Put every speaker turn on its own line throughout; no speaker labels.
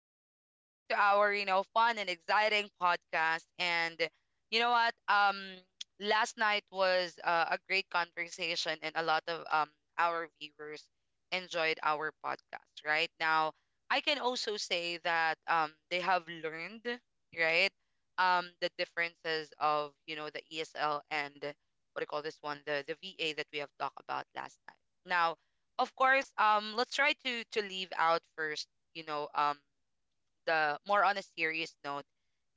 and welcome back to our, fun and exciting podcast. And you know what? Last night was a great conversation, and a lot of our viewers enjoyed our podcast. Right now, I can also say that they have learned, right? The differences of the ESL and what do you call this one, the VA that we have talked about last night. Now, of course, let's try to leave out first, you know, um, the more on a serious note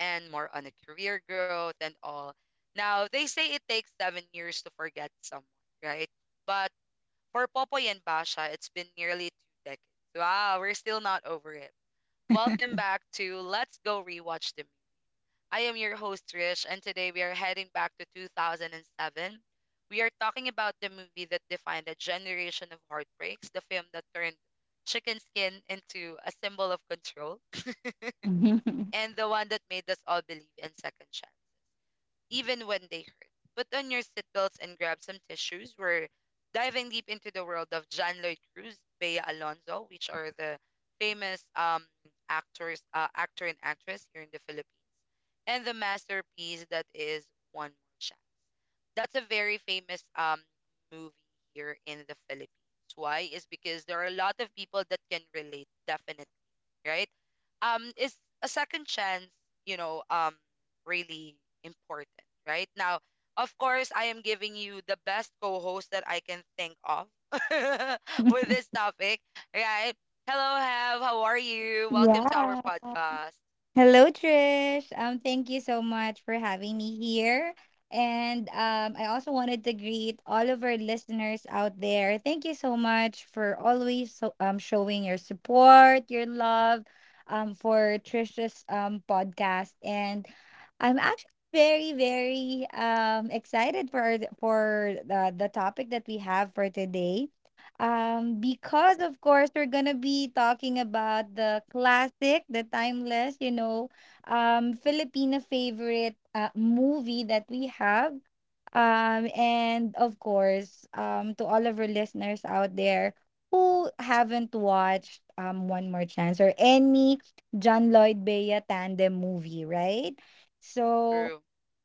and more on a career growth and all. Now, they say it takes 7 years to forget someone, right? But for Popoy and Basha, it's been nearly 2 decades. Wow, we're still not over it. Welcome back to Let's Go Rewatch the Movie. I am your host, Trish, and today we are heading back to 2007. We are talking about the movie that defined a generation of heartbreaks, the film that turned chicken skin into a symbol of control, and the one that made us all believe in second chance, even when they hurt. Put on your seatbelts and grab some tissues. We're diving deep into the world of John Lloyd Cruz, Bea Alonzo, which are the famous actors, actor and actress here in the Philippines, and the masterpiece that is One More Chance. That's a very famous movie here in the Philippines. Why? Is because there are a lot of people that can relate, definitely, right? Is a second chance, you know, um, really important, right? Now, of course, I am giving you the best co-host that I can think of with this topic, right? Hello, Have. How are you? Welcome to our
yeah.
podcast.
Hello, Trish. Thank you so much for having me here. And I also wanted to greet all of our listeners out there. Thank you so much for always so, showing your support, your love for Trish's podcast. And I'm actually very, very excited for the topic that we have for today. Because of course we're gonna be talking about the classic, the timeless, you know, Filipino favorite movie that we have. And of course, to all of our listeners out there who haven't watched One More Chance or any John Lloyd Bea tandem movie, right? So
True.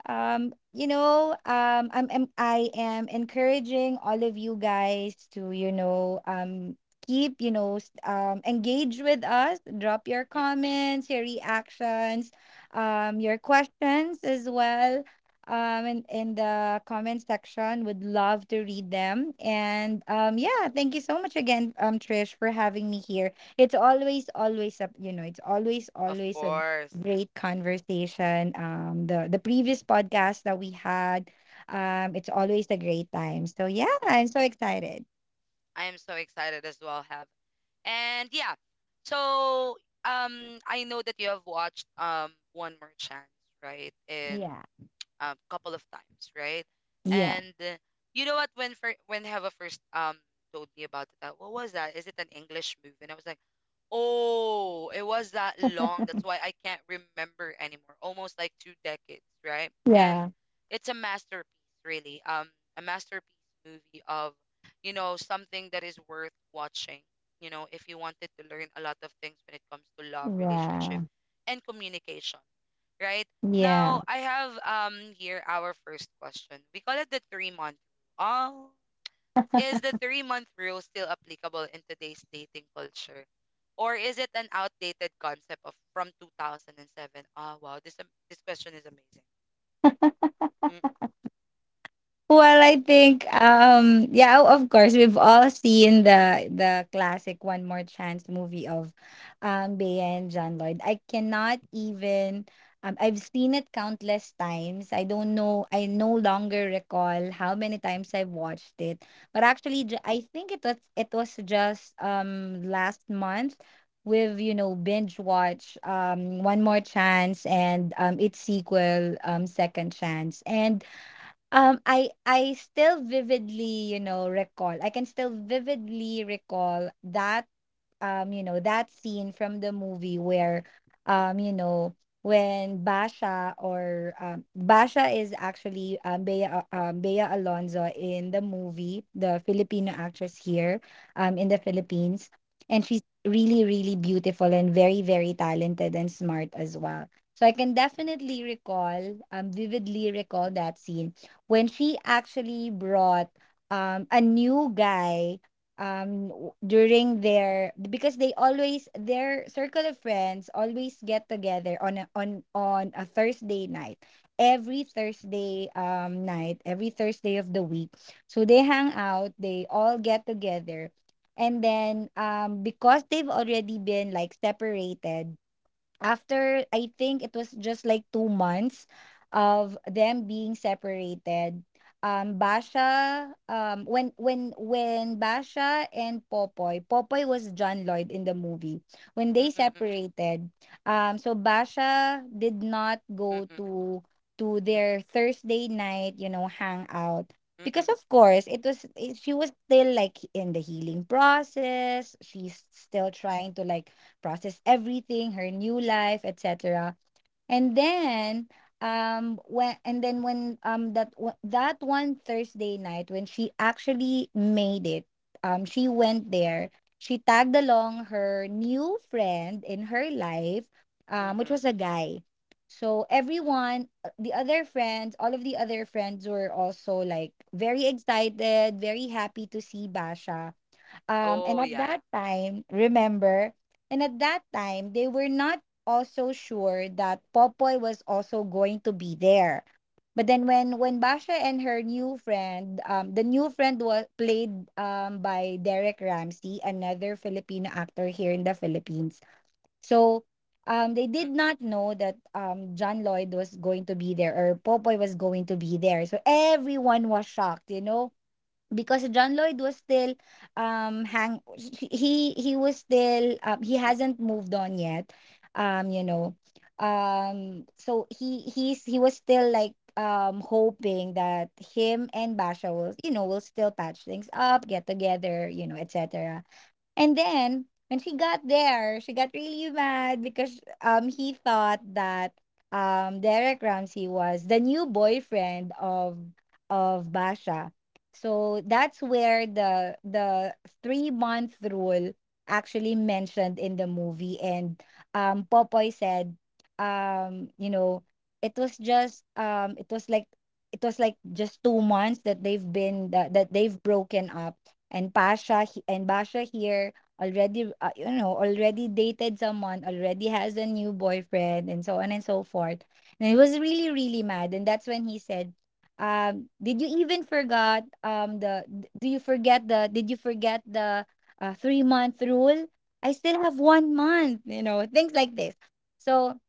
you know I am encouraging all of you guys to you know keep you know engage with us, drop your
Mm,
comments, your reactions, your questions as well, in the comment section. Would love to read them. And yeah, thank you so much again, Trish, for having me here. It's always
Of
always a
course.
great conversation. The previous podcast that we had, it's always a great time. So yeah,
Mm,
I'm so excited.
I am so excited as well, Have. And yeah, so I know that you have watched One More Chance, right? And
Yeah,
a couple of times, right?
yeah,
And you know what? When Heva first told me about it, what was that? Is it an English movie? And I was like, oh, it was that long. That's why I can't remember anymore. Almost like 2 decades, right? And
yeah,
it's a masterpiece, really. A masterpiece movie of, something that is worth watching. If you wanted to learn a lot of things when it comes to love, relationship,
yeah,
and communication, right?
yeah.
Now I have here our first question. We call it the 3 month rule. Oh, is the 3 month rule still applicable in today's dating culture? Or is it an outdated concept of from 2007? Ah, wow, this question is amazing. Mm,
Well, I
mm,
think yeah, of course we've all seen the classic One More Chance movie of Bea and John Lloyd. I cannot even I've seen it countless times. I don't know, I no longer recall how many times I've watched it. But actually I think it was just last month with you know binge watch One More Chance and its sequel, Second Chance. And I still vividly, you know, recall. I can still vividly recall that you know that scene from the movie where you know when Basha, or Basha is actually Bea Alonzo in the movie, the Filipino
mm,
actress here in the Philippines, and she's really really beautiful and very very talented and smart as well. So I can definitely recall vividly recall that scene when she actually brought a new guy during their, because they always, their circle of friends always get together on on a Thursday night, every Thursday night, every Thursday of the week, so they hang out, they all get together. And then because they've already been like separated after I think it was just like 2 months of them being separated. Basha, when Basha and Popoy, Popoy was John Lloyd in the movie. When
mm,
they
mm, mm,
separated, so Basha did not
mm,
go
mm,
to their Thursday night, you know, hangout,
mm, mm, mm, mm,
because of course it was it, she was still like in the healing process. She's still trying to like process everything, her new life, etc. And then when that that one Thursday night when she actually made it, she went there. She tagged along her new friend in her life,
mm, mm,
which
mm,
was a guy. So
mm.
everyone, the other friends, all of the other friends were also like very excited, very happy to see Basha. And
Oh
at
yeah.
that time remember, and at that time they were not also sure that Popoy was also going to be there. But then when Basha and her new friend, the new friend was played by Derek Ramsey, another Filipino actor here in the Philippines. So they did
Yeah. Mm,
not know that John Lloyd was going to be there, or Popoy was going to be there, so everyone was shocked, you know, because John Lloyd was still hang he was still he
mm,
hasn't moved on yet, you know, so he was still like hoping that him and Basha will, you know, will still patch things up, get together, you know, etc. And then when she got there, she got really mad because he thought that Derek Ramsey was the new boyfriend of Basha. So that's where the 3 month rule actually mentioned in the movie, and Popoy said, you know, it was like it was like just 2 months that they've broken up, and Basha here already you know already dated someone, already has a new boyfriend and so on and so forth. And he was really really mad, and that's when he said, did you even forgot, the d- do you forget the did you forget the 3-month rule? I still have 1 month, you know, things like this. So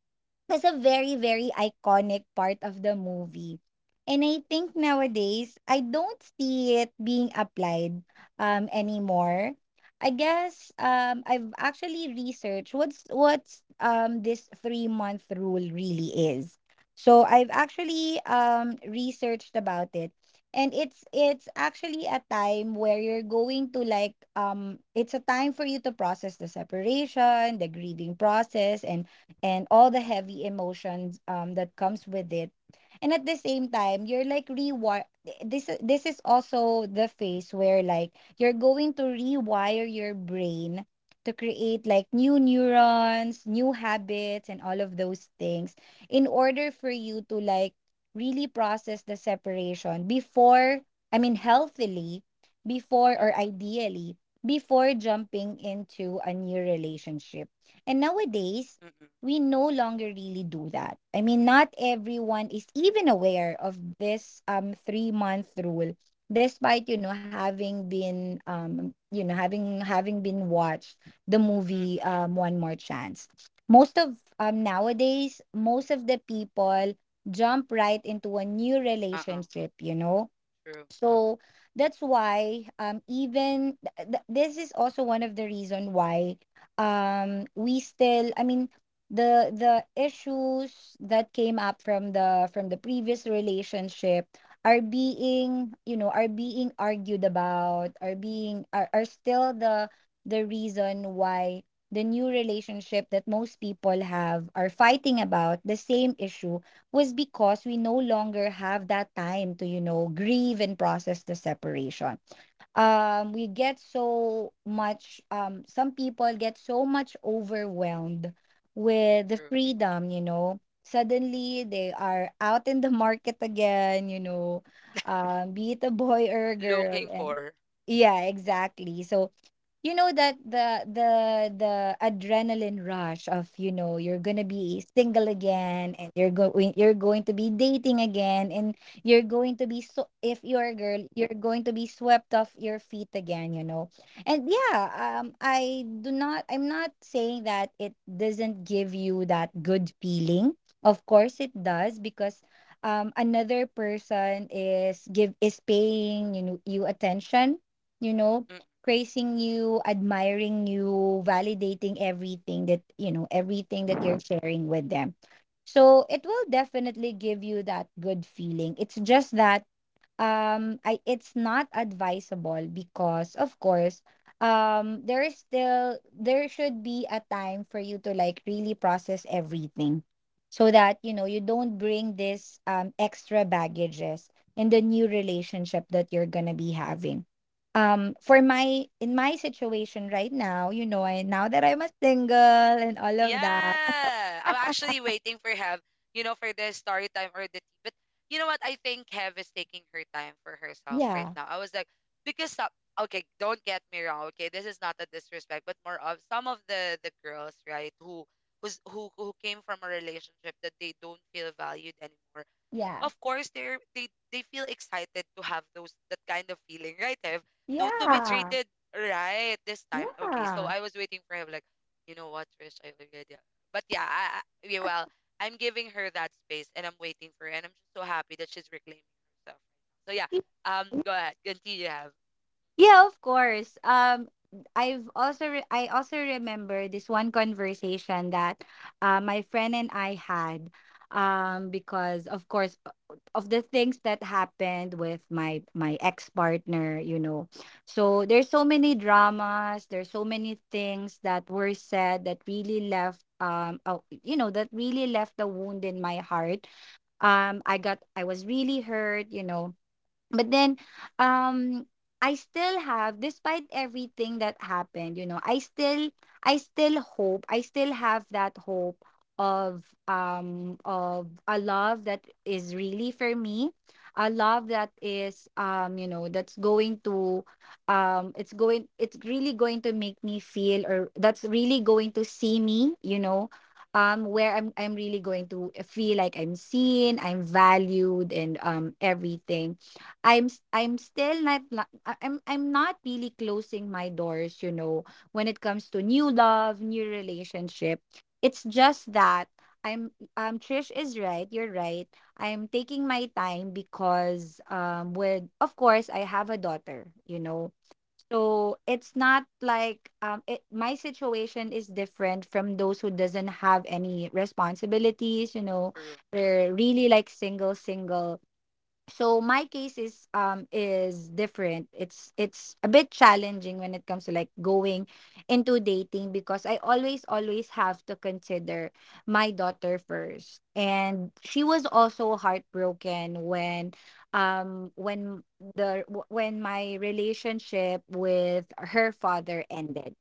was a very, very iconic part of the movie. And I think nowadays, I don't see it being applied anymore. I guess I've actually researched what's this 3 month rule really is. So I've actually researched about it, and it's actually a time where you're going to like it's a time for you to process the separation, the grieving process, and all the heavy emotions that comes with it. And at the same time you're like rewire, this is also the phase where like you're going to rewire your brain to create like new neurons, new habits and all of those things, in order for you to like really process the separation before, I mean healthily, before,
mm,
or
mm,
ideally, before jumping into a new relationship. And nowadays
mm,
we no longer really do that. I mean, not everyone is even aware of this 3 month rule, despite you know having been you know having having been watched the
mm, mm,
movie,
mm.
One More Chance. Most of nowadays, most of the people jump right into a new
Uh-uh.
relationship, you know.
True,
So that's why this is also one of the reason why we still, I mean, the issues that came up from the previous relationship are being you know are being argued about, are being, are still the reason why the new relationship that most people have are fighting about the same issue. Was because we no longer have that time to you know grieve and process the separation. We get so much, some people get so much overwhelmed with the
true.
freedom, you know, suddenly they are out in the market again, you know, be it a boy or a girl.
Looking
And
for.
yeah, exactly. So you know that the adrenaline rush of you know you're gonna be single again and you're going to be dating again, and you're going to be, so if you're a girl you're going to be swept off your feet again, you know. And yeah, I do not, I'm not saying that it doesn't give you that good feeling. Of course it does, because another person is give is paying you know you attention, you know, praising you, admiring you, validating everything that, you know, everything that you're sharing with them. So it will definitely give you that good feeling. It's just that I it's not advisable because of course there is still there should be a time for you to like really process everything, so that you know you don't bring this extra baggages in the new relationship that you're going to be having. For my, in my situation right now, you know, I, now that I'm a single and all of that,
Yeah, I'm actually waiting for Hev, for the story time or the tea. But you know what? I think Hev is taking her time for herself
yeah,
right now. I was like, because some, okay, don't get me wrong. Okay, this is not a disrespect, but more of some of the girls, right, who who's, who came from a relationship that they don't feel valued anymore.
yeah,
Of course, they feel excited to have those, that kind of feeling, right, Ev? To be
yeah,
treated right this time. Okay,
yeah.
so I was waiting for him, like, you know what, Trish, I already... But yeah, yeah, well, I'm giving her that space and I'm waiting for her and I'm just so happy that she's reclaiming herself right now, so yeah. Go ahead, continue, Ev.
Yeah, of course. I've also I also remember this one conversation that my friend and I had because of course of the things that happened with my ex-partner, you know. So there's so many dramas, there's so many things that were said that really left you know that really left a wound in my heart. I was really hurt, you know. But then um I still have, despite everything that happened you know I still, I still hope, I still have that hope of a love that is really for me, a love that is you know that's going to it's going, it's really going to make me feel, or that's really going to see me, you know, where I'm really going to feel like I'm seen, I'm valued and everything. I'm still not I'm not really closing my doors, you know, when it comes to new love, new relationship. It's just that I'm Trish is right, you're right. I'm taking my time because with of course I have a daughter, you know. So it's not like my situation is different from those who doesn't have any responsibilities, you know.
True,
They're really like single. So my case is different. It's a bit challenging when it comes to like going into dating because I always have to consider my daughter first, and she was also heartbroken when um when when my relationship with her father ended.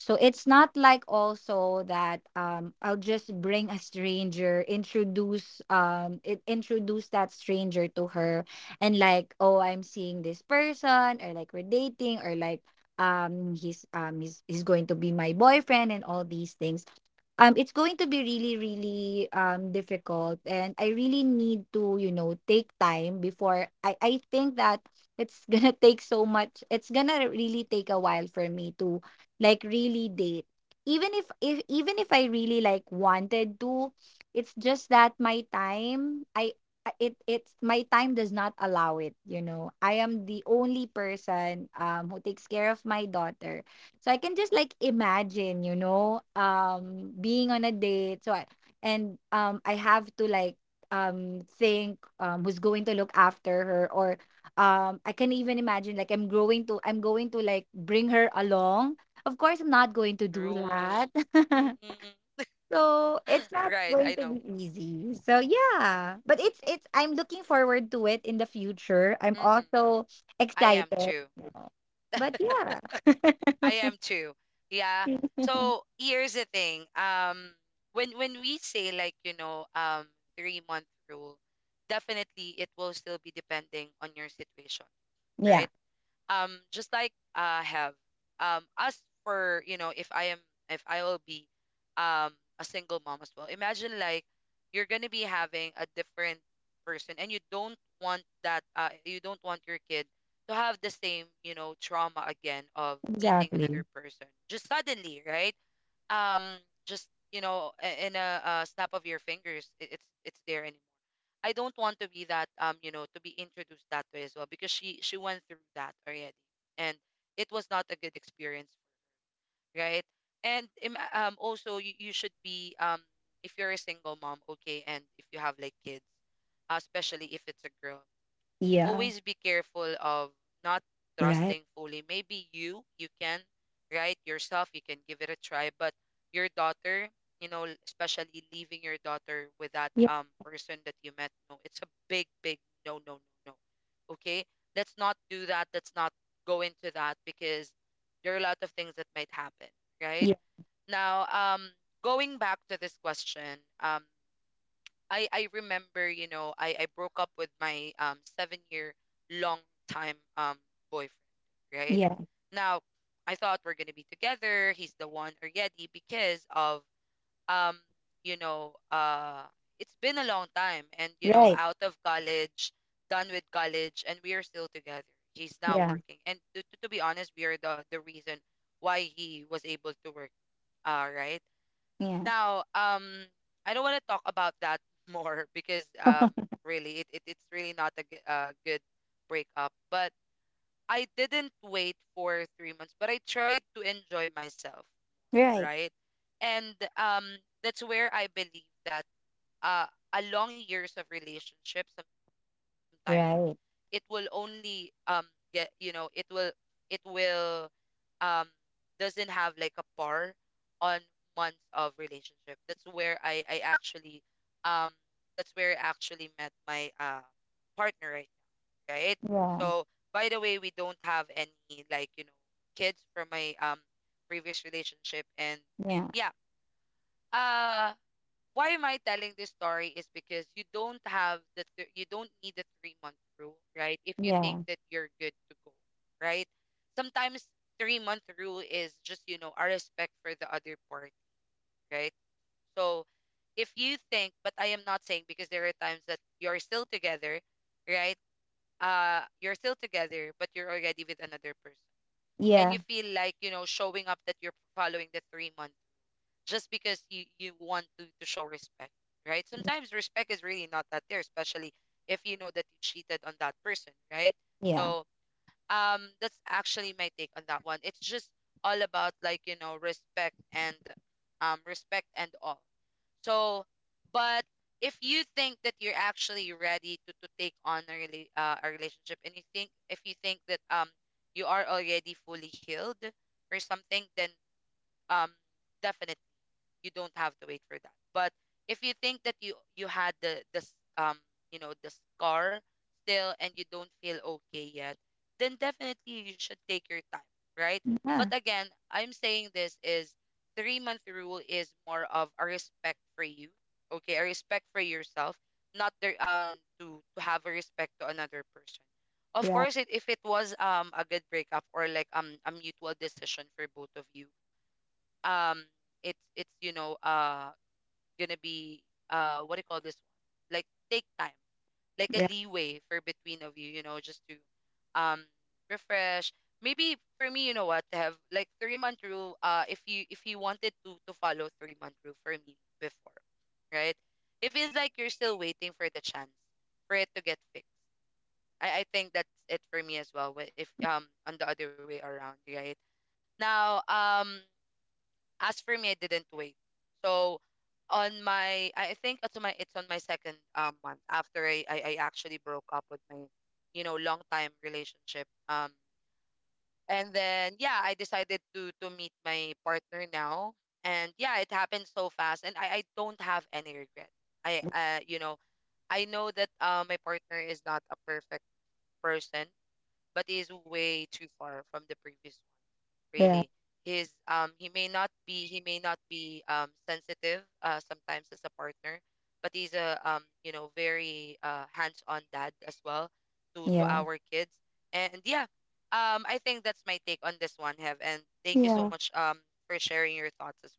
So it's not like also that I'll just bring a stranger, introduce that stranger to her and like, oh, I'm seeing this person, or like we're dating, or like he's going to be my boyfriend and all these things. It's going to be really, really difficult, and I really need to, you know, take time before I think that it's gonna take so much. It's gonna really take a while for me to like really date, even if I really like wanted to. It's just that my time I- it it's my time does not allow it, you know. I am the only person who takes care of my daughter, so I can just like imagine, you know, being on a date. So I have to like think who's going to look after her, or I can even imagine like I'm going to like bring her along. Of course, I'm not going to do
true.
that.
Mm-mm.
So it's not
Right, I
going to
know.
be easy. So yeah, but it's it's. I'm looking forward to it in the future. I'm
Mm-mm.
also
I am
excited,
too.
you know. But yeah,
I am too. Yeah. So here's the thing. When we say like 3 month rule, definitely it will still be depending on your situation, right?
yeah,
Just like I have, as for, if I will be um a single mom as well, imagine like you're gonna be having a different person and you don't want that, you don't want your kid to have the same, trauma again of meeting another
exactly.
person just suddenly, right? um just you know, in a, snap of your fingers, it's there anymore. I don't want to be that, to be introduced that way as well, because she went through that already, and it was not a good experience, right? And also, you should be, if you're a single mom, okay, and if you have like kids, especially if it's a girl,
Yeah,
always be careful of not
right.
trusting fully. Maybe you can, right? Yourself, you can give it a try, but your daughter, you know, especially leaving your daughter with that,
Yeah,
person that you met, no, it's a big, big no, no, no, no. Okay, let's not do that. Let's not go into that, because there are a lot of things that might happen, right?
yeah,
Now, going back to this question, I remember, I broke up with my 7-year long time boyfriend, right?
yeah,
Now, I thought we're going to be together. He's the one already because of, um you know, it's been a long time, and,
right.
out of college, done with college, and we are still together. He's now
Yeah,
working. And to be honest, we are the reason why he was able to work, right?
yeah,
Now, I don't want to talk about that more, because really, it's really not a good breakup. But I didn't wait for 3 months, but I tried to enjoy myself,
right,
right? And that's where I believe that, uh, a long years of relationship sometimes it will
right.
only, get, it will um doesn't have like a par on months of relationship. Um that's where I actually met my partner right now, right?
Yeah,
So, by the way, we don't have any, like, kids from my, previous relationship, and
yeah,
yeah. Uh why am I telling this story is because you don't have you don't need the 3 month rule, right? If you think
yeah,
that you're good to go, right? Sometimes 3 month rule is just, a respect for the other party, right? So if you think, but I am not saying, because there are times that you're still together, right? You're still together, but you're already with another person, and
yeah,
you feel like, showing up that you're following the 3 month just because you want to show respect, right? Sometimes respect is really not that there, especially if you know that you cheated on that person, right?
yeah, yeah.
So, that's actually my take on that one. It's just all about, like, respect and, respect and all. So, but if you think that you're actually ready to, to take on a relationship, and you think if you think that, you are already fully healed or something, then, um definitely you don't have to wait for that. But if you think that you had the scar still, and you don't feel okay yet, then definitely you should take your time, right? But
Right,
again, I'm saying this is 3 month rule is more of a respect for you, okay, a respect for yourself, not there, to have a respect to another person. Of
right,
course, if it was, a good breakup or like, a mutual decision for both of you, um it's gonna be, what do you call this one, like, take time, like a leeway for between of you, you know just to, um refresh. Maybe for me, you know what, to have like 3 month rule, if you — if you wanted to follow 3 month rule for me before, right? It feels like you're still waiting for the chance for it to get fixed. I think that's it for me as well, if, on the other way around, right? Now, as for me, I didn't wait. So on my, I think it's on my second, month after I actually broke up with my, long time relationship. And then yeah, I decided to meet my partner now, and yeah, it happened so fast, and I don't have any regret. I,
right.
uh, you know, I know that my partner is not a perfect person, but is way too far from the previous. Really, his he may not be, he may not be sensitive sometimes as a partner, but he's a, very hands-on dad as well to
Yeah,
our kids. And yeah, I think that's my take on this one. Have and thank you so
yeah.
much, for sharing your thoughts as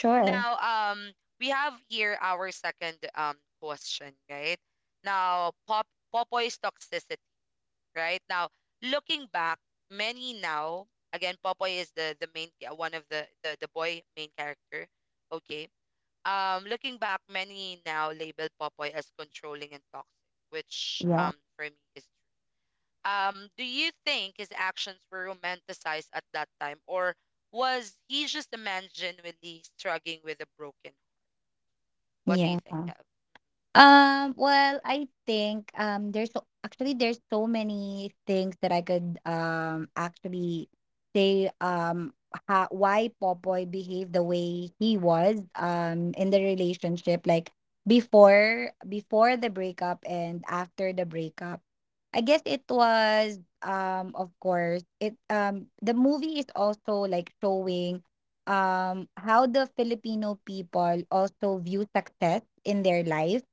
well. Now, um we have here our second question. Right now, Popoy's toxicity, right? Now, looking back, many now, again, Popoy is the one of the boy main character. Okay. Looking back, many now label Popoy as controlling and toxic, which
Yeah.
for me is true. Do you think his actions were romanticized at that time, or was he just a man genuinely struggling with a broken? What do you
Yeah.
think, Kev?
Well, I think there's so many things that I could actually say why Popoy behaved the way he was in the relationship, like before the breakup and after the breakup. I guess it was of course it the movie is also like showing how the Filipino people also view success in their life,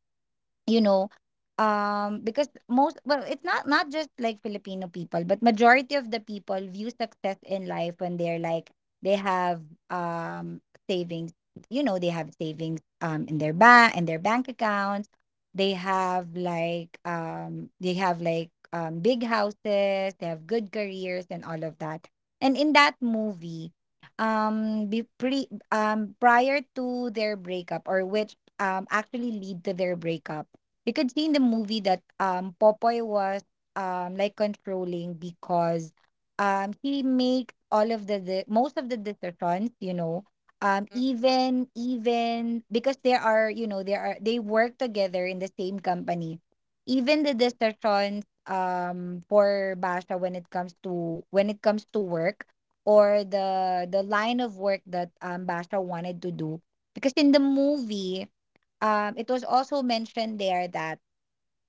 you know. Because most, well, it's not just like Filipino people, but majority of the people view success in life when they're like they have um savings, you know. They have savings in their bank, in their bank accounts. They have like they have like big houses, they have good careers and all of that. And in that movie, be pre prior to their breakup, or which actually lead to their breakup, you could see in the movie that Popoy was like controlling because he made all of the most of the decisions, you know.
Mm.
Even even Because there are, you know, there are, they work together in the same company. Even the decisions for Basha when it comes to when it comes to work, or the line of work that Basha wanted to do. Because in the movie, it was also mentioned there that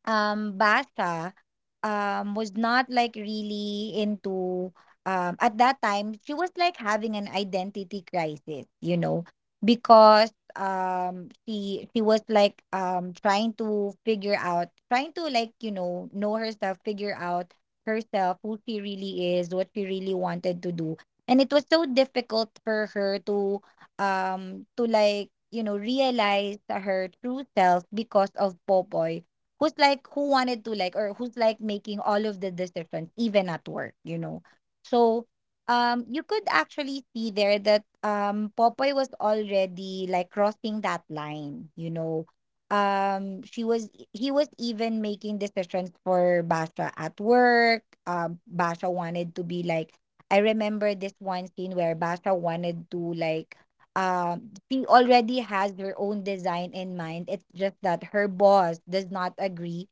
Basha was not like really into at that time, she was like having an identity crisis, you know. Because she was like trying to figure out, trying to like, you know herself, figure out herself, who she really is, what she really wanted to do. And it was so difficult for her to like, you know, realize her true self because of Popoy, who's like who wanted to like or who's like making all of the decisions even at work, you know. So you could actually see there that Popoy was already like crossing that line, you know. She was He was even making decisions for Basha at work. Basha wanted to be like, I remember this one scene where Basha wanted to like uh, she already has her own design in mind. It's just that her boss does not agree.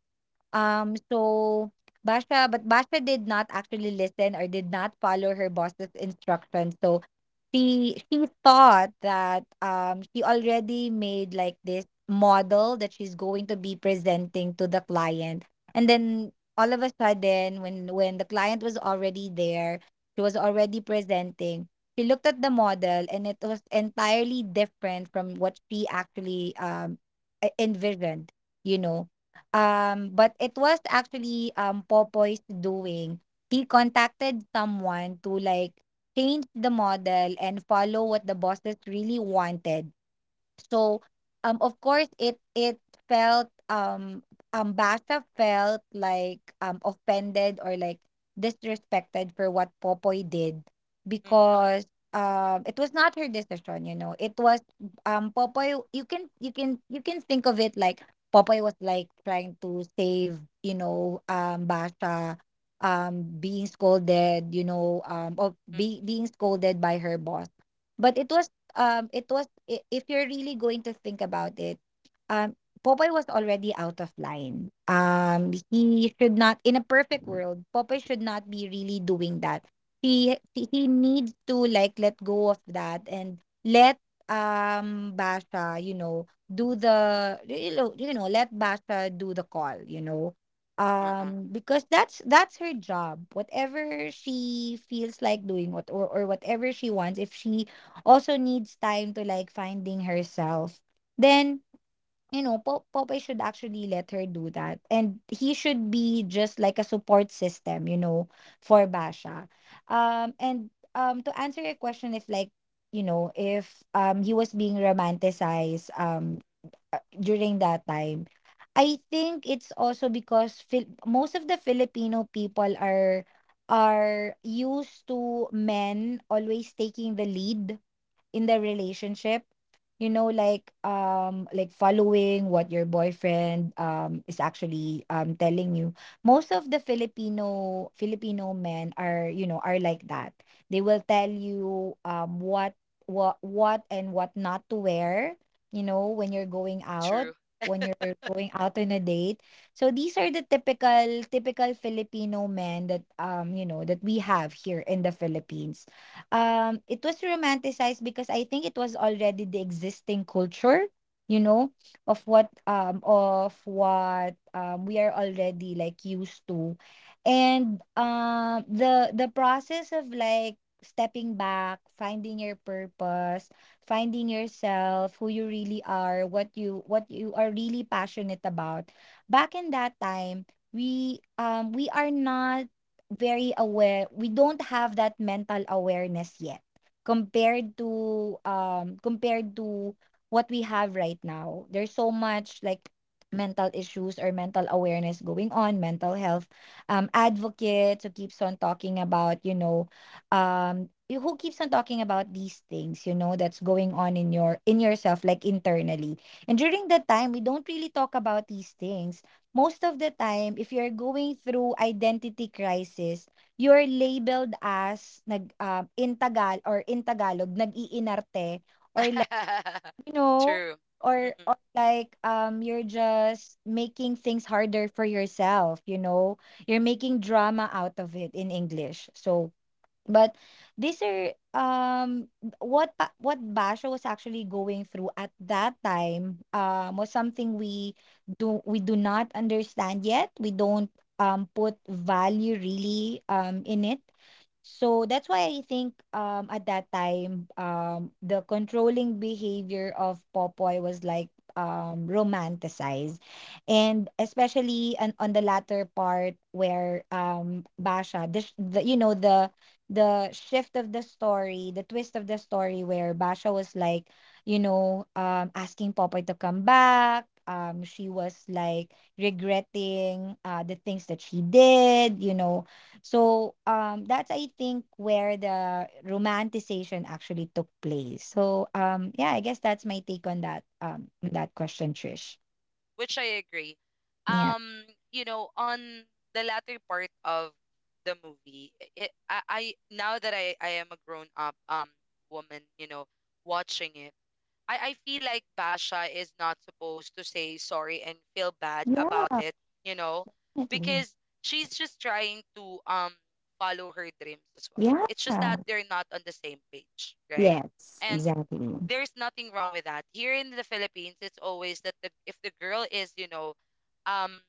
So Basha, but Basha did not actually listen or did not follow her boss's instructions. So she thought that she already made like this model that she's going to be presenting to the client. And then all of a sudden when the client was already there, she was already presenting. She looked at the model, and it was entirely different from what she actually envisioned, you know. But it was actually Popoy's doing. He contacted someone to like change the model and follow what the bosses really wanted. So of
Mm.
course it felt Basha felt like offended or like disrespected for what Popoy did
Mm. Mm.
because it was not her decision, you know. It was Popoy, you can you can think of it like Popoy was like trying to save, you know, Basha being scolded, you know,
Mm. Mm.
being scolded by her boss. But it was if you're really going to think about it, um Popeye was already out of line. He should not, in a perfect world, Popeye should not be really doing that. He he needs to like let go of that and let Basha, you know, do the, you know, you know, let Basha do the call, you know,
Uh-uh.
because that's her job. Whatever she feels like doing, what or whatever she wants, if she also needs time to like finding herself, then, you know, Popeye should actually let her do that. And he should be just like a support system, you know, for Basha. And to answer your question, if like, you know, if he was being romanticized during that time, I think it's also because most of the Filipino people are used to men always taking the lead in the relationship, you know, like following what your boyfriend is actually telling you. Most of the Filipino men are, you know, are like that. They will tell you what what and what not to wear, you know, when you're going out,
True.
when you're going out on a date. So these are the typical Filipino men that, you know, that we have here in the Philippines. Um, it was romanticized because I think it was already the existing culture, you know, of what we are already like used to. And the process of like stepping back, finding your purpose, finding yourself, who you really are, what you are really passionate about. Back in that time, we are not very aware. We don't have that mental awareness yet compared to compared to what we have right now. There's so much like mental issues or mental awareness going on, mental health advocates who keeps on talking about, you know, who keeps on talking about these things, you know, that's going on in your, in yourself, like internally. And during that time, we don't really talk about these things. Most of the time, if you're going through identity crisis, you're labeled as nag in Tagal or in Tagalog, nag-iinarte, or like, you know,
True.
or
Mm-mm.
like you're just making things harder for yourself, you know. You're making drama out of it in English. So, but these are what what Basho was actually going through at that time was something we do, we do not understand yet. We don't put value really in it. So that's why I think at that time the controlling behavior of Popoy was like romanticized. And especially on the latter part where Basha the you know, the shift of the story, the twist of the story, where Basha was like, you know, asking Popoy to come back. She was like regretting, the things that she did, you know. So that's I think where the romanticization actually took place. So yeah, I guess that's my take on that question, Trish.
Which I agree.
Yeah.
Um, you know, on the latter part of the movie, it, I now that I am a grown up woman, you know, watching it, I feel like Basha is not supposed to say sorry and feel bad about
Yeah.
it, you know,
Definitely.
because she's just trying to follow her dreams as well.
Yeah.
It's just that they're not on the same page, right?
Yes.
And
Exactly.
there's nothing wrong with that. Here in the Philippines, it's always that the, if the girl is, you know, um,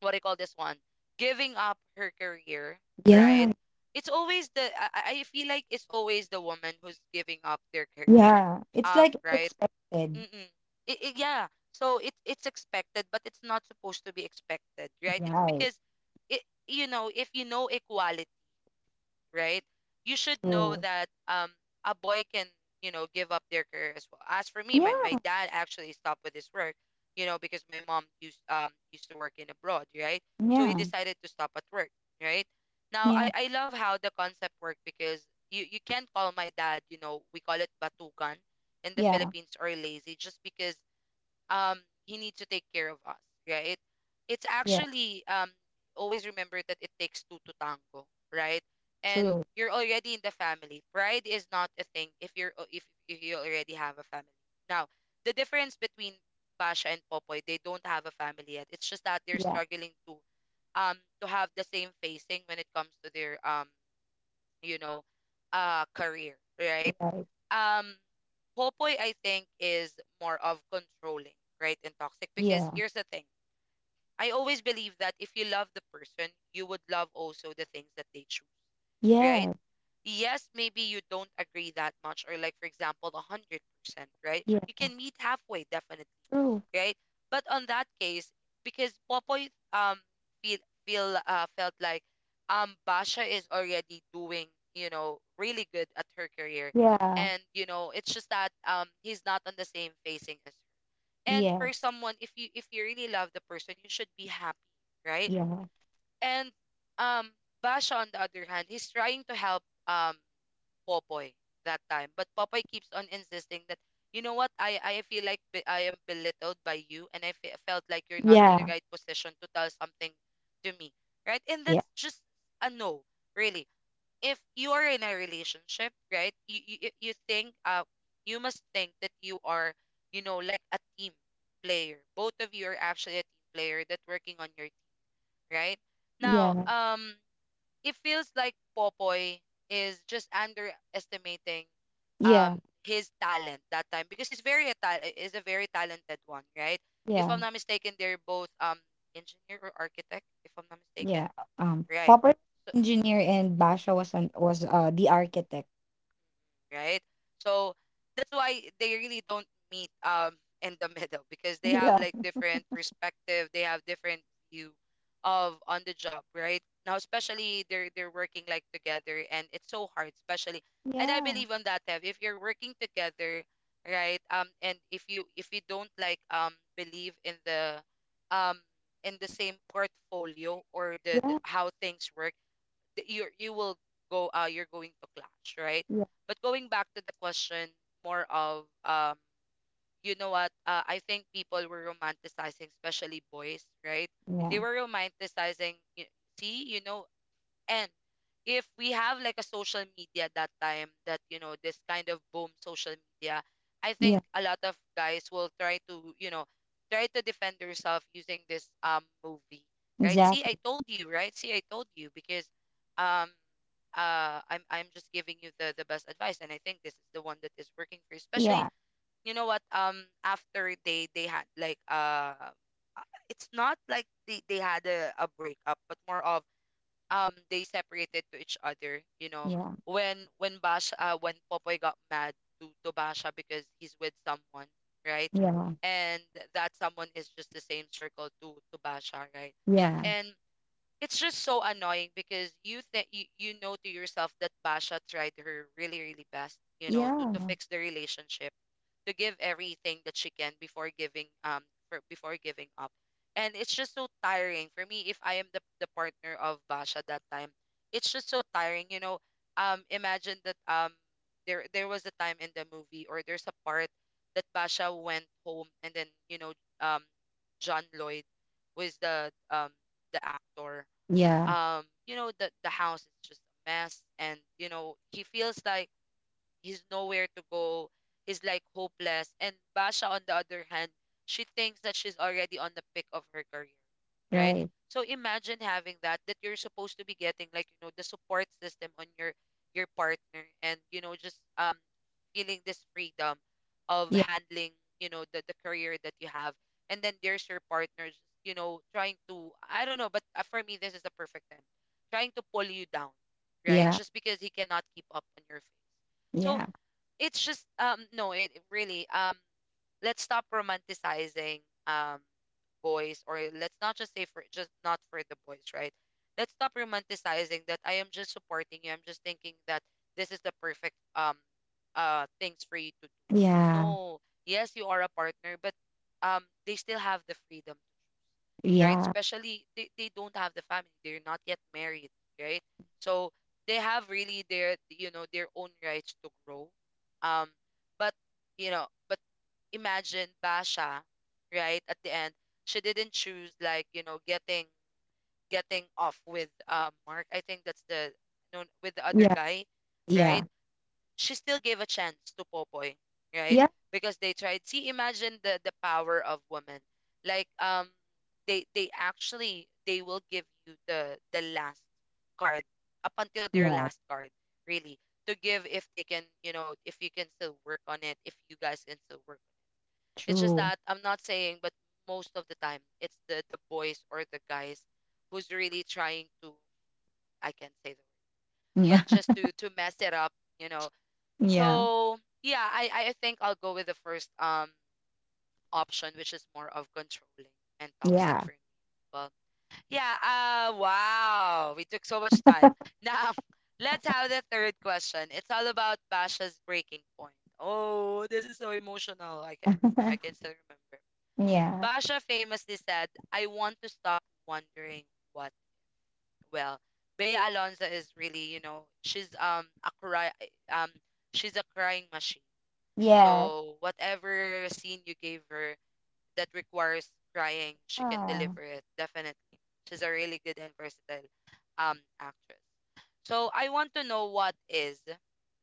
what do you call this one? Giving up her career, right?
Yeah.
It's always the, I feel like it's always the woman who's giving up their career,
Yeah, it's like
right?
expected,
Mm-mm. It, yeah. So it, it's expected, but it's not supposed to be expected, right? It's
right?
because it, you know, if you know equality, right? You should know
True.
that a boy can, you know, give up their career as well. As for me, my
Yeah,
dad actually stopped with his work, you know, because my mom used, used to work in abroad, right? So he
yeah,
decided to stop at work, right? Now
yeah,
I love how the concept worked because you can't call my dad, you know, we call it batugan in the
yeah,
Philippines, or lazy, just because um he needs to take care of us, right? It's
yeah.
actually, always remember that it takes two to tango, right? And
True.
you're already in the family, pride is not a thing if you're if you already have a family. Now the difference between Basha and Popoy, they don't have a family yet. It's just that they're
Yeah,
struggling to, to have the same facing when it comes to their, you know career, right?
right.
Um, Popoy, I think is more of controlling, right, and toxic, because
Yeah,
here's the thing, I always believe that if you love the person, you would love also the things that they choose, right?
yeah,
Yes, maybe you don't agree that much, or like for example 100%, right,
yeah.
you can meet halfway, definitely,
True.
right? But on that case, because Popoy feel feel felt like, Basha is already doing, you know, really good at her career,
Yeah,
and you know, it's just that he's not on the same facing as her. And for
yes,
someone, if you really love the person, you should be happy, right?
yeah,
And um Basha on the other hand, he's trying to help, um Popoy that time. But Popoy keeps on insisting that, you know what, I feel like I am belittled by you, and I felt like you're not in the
yeah,
right position to tell something to me, right? And
yeah,
that's just a no, really. If you are in a relationship, right, you think, you must think that you are, you know, like a team player. Both of you are actually a team player that working on your team, right? Now,
yeah,
it feels like Popoy is just underestimating, um
yeah,
his talent that time, because he's very a is a very talented one, right? If I'm
yeah,
not mistaken, they're both, engineer or architect, if I'm not mistaken,
yeah.
right?
Popper
So,
engineer,
mm,
and Basha was an was the architect.
right? So that's why they really don't meet in the middle, because they have
Yeah,
like different perspective, they have different view of on the job, right? Now especially they're working like together and it's so hard, especially, and I
yeah,
believe on that, Tev, if you're working together, right? Um, and if you don't like believe in the, um in the same portfolio, or the
yeah,
how things work, you, you will go, you're going to clash, right?
yeah,
But going back to the question, more of, you know what I think people were romanticizing, especially boys, right?
yeah,
They were romanticizing, see, you know, and if we have like a social media that time that, you know, this kind of boom social media, I
yeah.
think a lot of guys will try to, you know, try to defend yourself using this, movie, right? See, I
Exactly.
told you, right? See, I told you, because um I'm just giving you the best advice, and I think this is the one that is working for you, especially,
Yeah,
you know what, after they had like, it's not like they had a breakup, but more of, they separated to each other, you know.
yeah,
When bash when Popoy got mad to Basha, because he's with someone, right?
yeah,
And that someone is just the same circle to Basha, right?
yeah,
And it's just so annoying because you think you, you know to yourself that Basha tried her really really best, you know, to
yeah,
fix the relationship, to give everything that she can before giving, before giving up. And it's just so tiring for me if I am the partner of Basha that time. It's just so tiring, you know. Um, imagine that, there was a time in the movie, or there's a part that Basha went home, and then, you know, um John Lloyd was the, the actor.
yeah.
You know, the house is just a mess, and you know, he feels like he's nowhere to go. He's like hopeless. And Basha, on the other hand, she thinks that she's already on the peak of her career, right?
Right.
So imagine having that, that you're supposed to be getting like, you know, the support system on your partner, and you know, just feeling this freedom of
Yeah,
handling, you know, the career that you have. And then there's your partner just, you know, trying to, I don't know, but for me this is the perfect time, trying to pull you down, right?
yeah,
Just because he cannot keep up on your face. So
yeah,
it's just no, it, it really, let's stop romanticizing, um boys, or let's not just say for, just not for the boys, right? Let's stop romanticizing that, I am just supporting you, I'm just thinking that this is the perfect, things for you to,
yeah,
no. Yes, you are a partner, but they still have the freedom to choose, right?
yeah,
Especially they don't have the family. They're not yet married, right? So they have really their, you know, their own rights to grow. Um, but, you know, but imagine Basha, right? At the end, she didn't choose like, you know, getting, getting off with, Mark. I think that's the, no, with the other
yeah,
guy, right?
yeah,
She still gave a chance to Popoy, right?
yeah,
Because they tried. See, imagine the power of women. Like they actually, they will give you the last card, up until their
yeah,
last card, really, to give, if they can, you know, if you can still work on it, if you guys can still work. It's just
true.
that I'm not saying, but most of the time, it's the boys or the guys who's really trying to, I can't say the word, but
Yeah,
just to mess it up, you know.
yeah,
So yeah, I think I'll go with the first, option, which is more of controlling and toxic
yeah,
for me. Well, yeah. Wow, we took so much time. Now let's have the third question. It's all about Basha's breaking point. Oh, this is so emotional. I can't remember. I can still remember.
yeah,
Basha famously said, "I want to stop wondering what." Well, Bea Alonso is really, you know, she's a cry, um she's a crying machine,
yes,
so whatever scene you gave her that requires crying, she can
ah,
deliver it definitely. She's a really good and versatile, actress. So I want to know what is,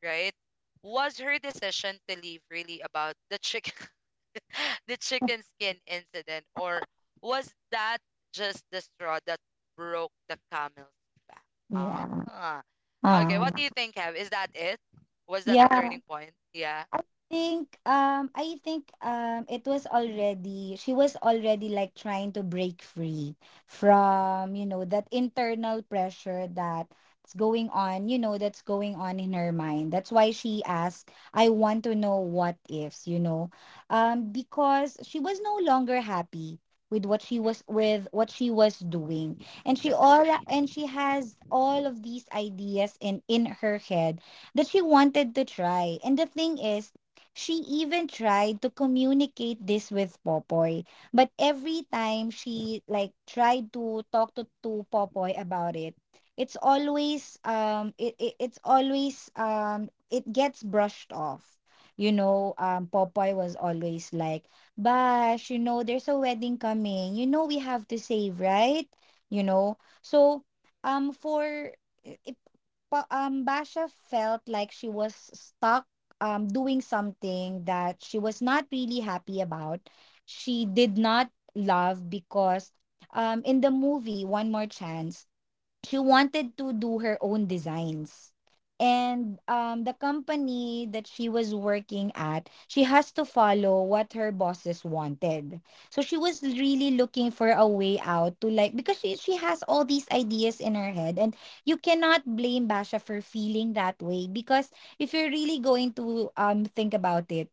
right? Was her decision to leave really about the chicken the chicken skin incident, or was that just the straw that broke the camel's back?
yeah,
Ah. Okay,
ah,
what do you think, Kev? Is that it? Was that the
yeah,
turning point? Yeah.
think I think it was already she was already like trying to break free from that internal pressure that's going on, in her mind. That's why she asked, "I want to know what ifs." Because she was no longer happy with
Mm-mm.
what she was doing. And
Definitely.
she has all of these ideas in her head that she wanted to try. And the thing is, she even tried to communicate this with Popoy, but every time she like tried to talk to Popoy about it, it's always it, it it's always it gets brushed off. You know, Popoy was always like, "Bash, you know there's a wedding coming. You know we have to save, right?" You know. So, um for it, Basha felt like she was stuck, doing something that she was not really happy about. She did not love, because in the movie One More Chance, she wanted to do her own designs. And the company that she was working at, she has to follow what her bosses wanted. So she was really looking for a way out, to like because she has all these ideas in her head, and you cannot blame Basha for feeling that way, because if you're really going to think about it,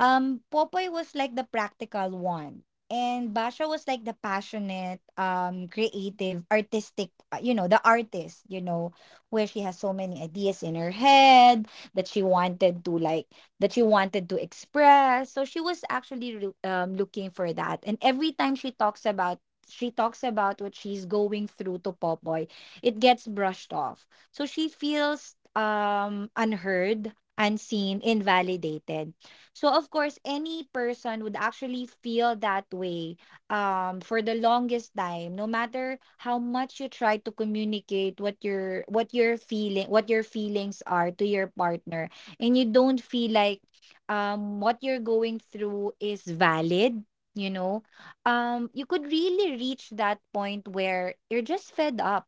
Popoy was like the practical one, and Basha was like the passionate, creative, artistic, the artist, where she has so many ideas in her head that she wanted to like, that she wanted to express. So she was actually looking for that. And every time she talks about what she's going through to Popoy, it gets brushed off. So she feels unheard, unseen, invalidated. So of course, any person would actually feel that way for the longest time. No matter how much you try to communicate what your feelings are to your partner, and you don't feel like what you're going through is valid, you know, you could really reach that point where you're just fed up.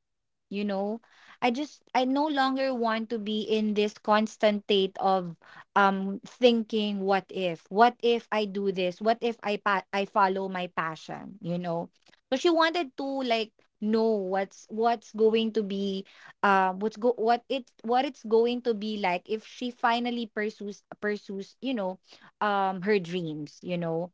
You know, I no longer want to be in this constant state of thinking, what if I do this what if I follow my passion?" So she wanted to like know what's going to be, what's go what it's going to be like if she finally pursues, her dreams, you know.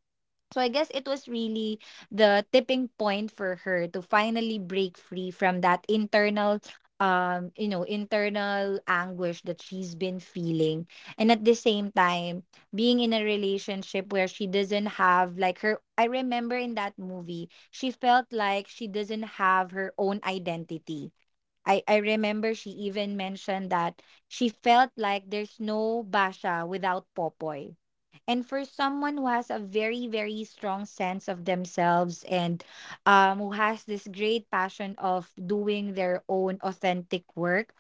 So I guess it was really the tipping point for her to finally break free from that internal you know internal anguish that she's been feeling. And at the same time, being in a relationship where she doesn't have like her— I remember in that movie, she felt like she doesn't have her own identity. I remember she even mentioned that she felt like there's no basha without Popoy. And for someone who has a very, very strong sense of themselves and, who has this great passion of doing their own authentic work,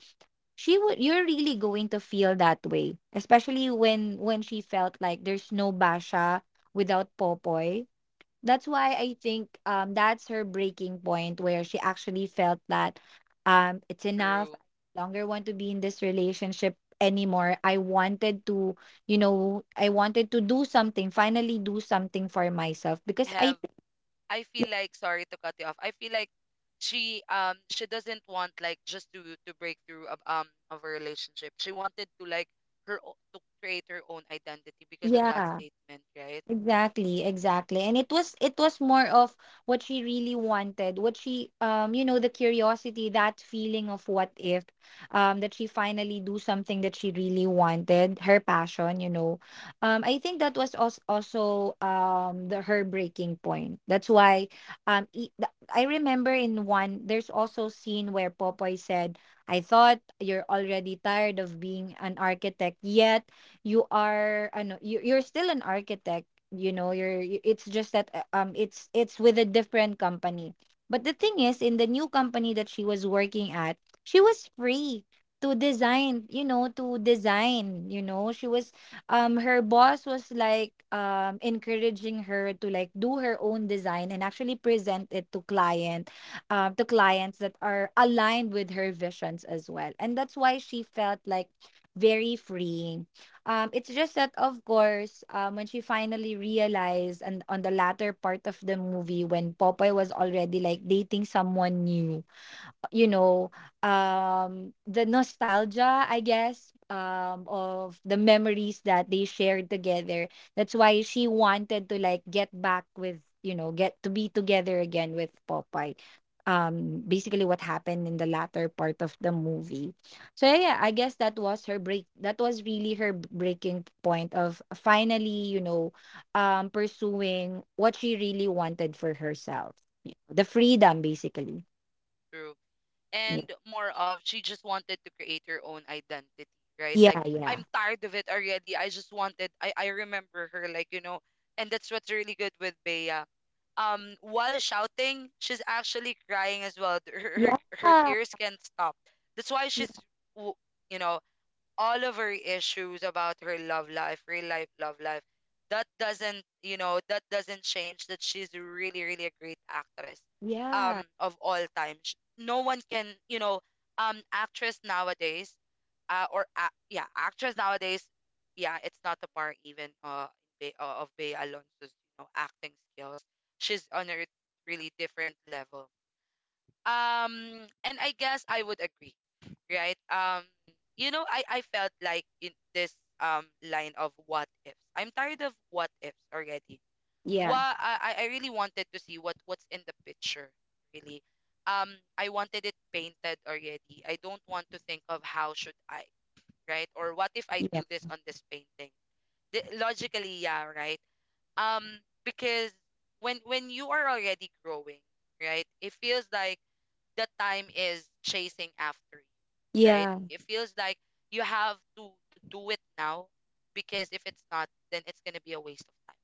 she would you're really going to feel that way, especially when she felt like there's no Basha without Popoy. That's
Mm.
why I think that's her breaking point, where she actually felt that it's enough.
True.
I no longer want to be in this relationship anymore. I wanted to, do something, finally do something for myself because I—
Have I feel like sorry to cut you off. I feel like she doesn't want like just to break through of a relationship. She wanted to like her to create her own identity because of that
Yeah.
statement, right?
Exactly, exactly. And it was more of what she really wanted, what she you know the curiosity, that feeling of what if, that she finally do something that she really wanted, her passion, you know. I think that was also the her breaking point. That's why I remember in one there's also scene where Popoy said, "I thought you're already tired of being an architect, yet you're still an architect, you know, it's just that, it's with a different company." But the thing is, in the new company that she was working at, she was free to design, you know. She was um Her boss was like, encouraging her to like do her own design, and actually present it to clients that are aligned with her visions as well. And that's why she felt like very free. It's just that, of course, when she finally realized, and on the latter part of the movie, when Popeye was already like dating someone new, you know, the nostalgia, I guess, of the memories that they shared together, that's why she wanted to like get back with, get to be together again with Popeye, basically what happened in the latter part of the movie. So yeah, I guess that was her break that was really her breaking point of finally, pursuing what she really wanted for herself, you know, the freedom basically.
True.
Yeah.
And more of she just wanted to create her own identity, right? Like
Yeah,
I'm
yeah.
tired of it already. I just wanted I remember her like, you know, and that's what's really good with Bea. While shouting, she's actually crying as well. Her
Yeah.
her
Yeah.
tears can't stop. That's why w- you know, all of her issues about her love life, real life love life. That doesn't, you know, that doesn't change that she's really, really a great actress
Yeah.
of all time. No one can, you know, actress nowadays, or ac yeah, actress nowadays, yeah, it's not a par even Bea, of Bea Alonso's, you know, acting skills. She's on a really different level and I guess I would agree, right. You know, I felt like in this line of what ifs, I'm tired of what ifs already.
Yeah.
Why I really wanted to see what's in the picture really. um I wanted it painted already. I don't want to think of how should I, right, or what if I
Yeah.
do this on this painting. The, logically, yeah, right. um because when you are already growing, right, it feels like the time is chasing after you, right?
Yeah.
It feels like you have to do it now because if it's not, then it's gonna be a waste of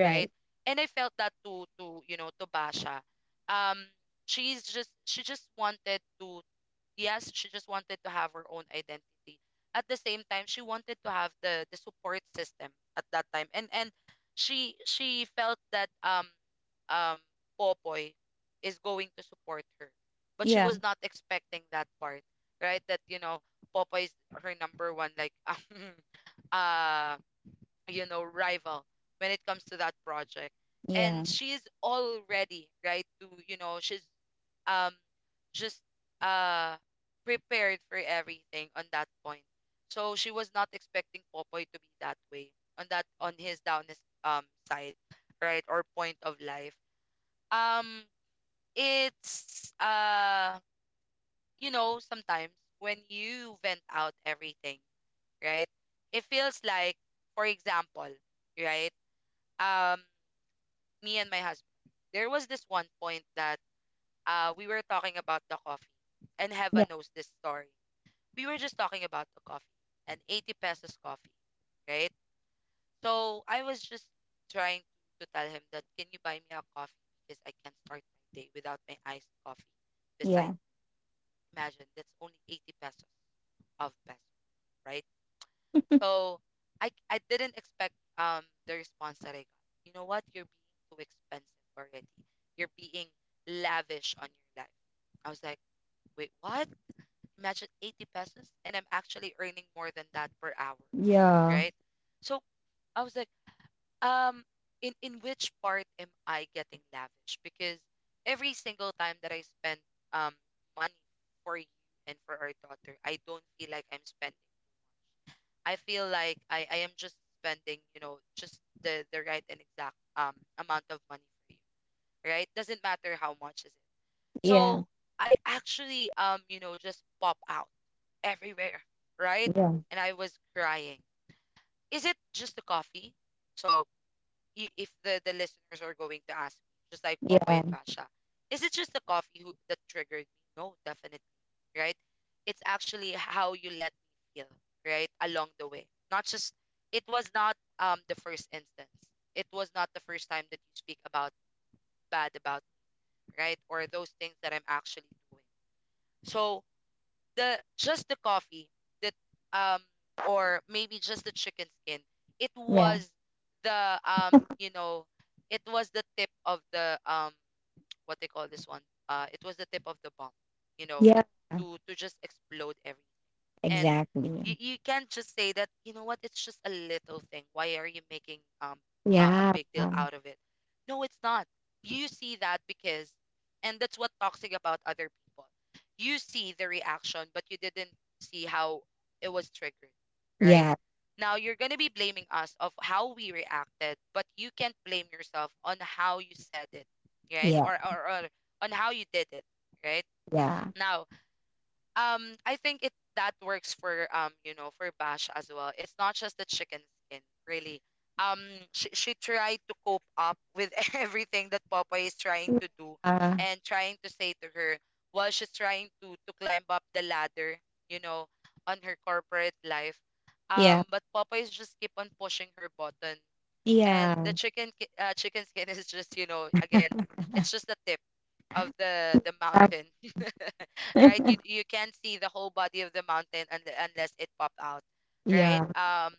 time, right? And I felt that to you know to Basha. Um, she's just she just wanted to. Yes, she just wanted to have her own identity. At the same time, she wanted to have the support system at that time. And she felt that um Popoy is going to support her. But she
Yeah.
was not expecting that part, right? That, you know, Popoy is her number one like uh you know, rival when it comes to that project.
Yeah.
And she's already, right, to you know, she's um just uh prepared for everything on that point. So she was not expecting Popoy to be that way on that on his down his side, right? Or point of life. Um it's you know, sometimes when you vent out everything, right? It feels like, for example, right? Um, me and my husband, there was this one point that we were talking about the coffee, and Heva knows this story. We were just talking about the coffee, an 80 pesos coffee, right? So I was just trying to tell him that can you buy me a coffee because I can't start my day without my iced coffee.
Yeah. Yeah.
Besides, imagine that's only 80 pesos of peso, right? So I didn't expect the response that I got. You know what? You're being too expensive already. You're being lavish on your life. I was like, wait, what? Imagine 80 pesos, and I'm actually earning more than that per hour,
Yeah.
right? So I was like, um, in which part am I getting lavish? Because every single time that I spend um money for you and for our daughter, I don't feel like I'm spending. I feel like I am just spending, you know, just the right and exact amount of money for you, right? Doesn't matter how much is it.
Yeah.
So I actually you know just pop out everywhere, right?
Yeah.
And I was crying. Is it just the coffee? So if the the listeners are going to ask, just like Popoy
Yeah.
and Basha, is it just the coffee who, that triggered me? No, definitely, right? It's actually how you let me feel, right, along the way. Not just it was not the first instance. It was not the first time that you speak about bad about, right, or those things that I'm actually doing. So the just the coffee that um or maybe just the chicken skin, it
Yeah.
was the you know it was the tip of the what they call this one, it was the tip of the bomb, you know,
Yeah.
to just explode everything, and
Exactly.
you can't just say that you know what it's just a little thing, why are you making a
Yeah.
big deal
Yeah.
out of it? No, it's not. You see that? Because and that's what toxic about other people. You see the reaction but you didn't see how it was triggered, right?
Yeah.
Now you're going to be blaming us of how we reacted but you can't blame yourself on how you said it, right,
Yeah.
or on how you did it, right.
Yeah.
Now, I think it that works for you know for Bash as well. It's not just the chicken skin really. Um she tried to cope up with everything that Popeye is trying to do and trying to say to her while she's trying to climb up the ladder, you know, on her corporate life.
Yeah.
But Popeyes just keep on pushing her button, and the
Yeah.
chicken skin is just you know again it's just the tip of the mountain right, you you can't see the whole body of the mountain unless it popped out, right.
Yeah.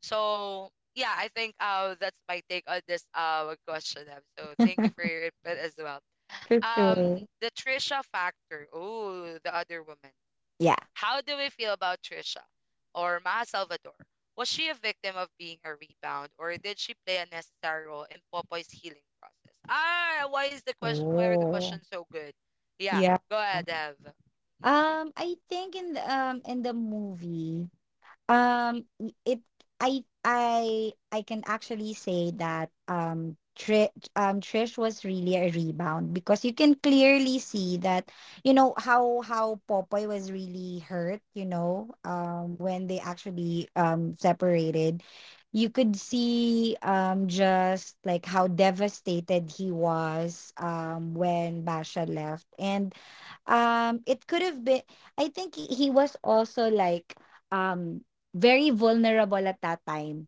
So, yeah, I think that's my take on this question, so thank you for your input as well.
For
um
sure.
the trisha factor, oh, the other woman.
Yeah.
How do we feel about Trisha or Maha Salvador? Was she a victim of being a rebound or did she play a necessary role in Popoy's healing process? Ah, why are the
Oh.
questions so good? Yeah,
Yeah.
go ahead, Ev. Mm,
I think in the movie.
mm,
Y- it I can actually say that Trish was really a rebound, because you can clearly see that how Popoy was really hurt, you know, when they actually separated. You could see just like how devastated he was when Basha left. And it could have been— I think he was also like, um very vulnerable at that time,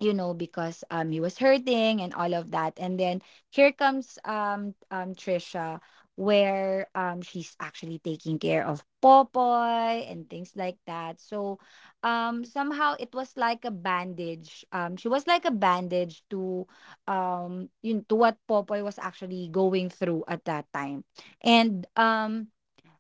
you know, because he was hurting and all of that. And then here comes Trisha, where she's actually taking care of Popoy and things like that. So, somehow, it was like a bandage. She was like a bandage to you know to what Popoy was actually going through at that time. And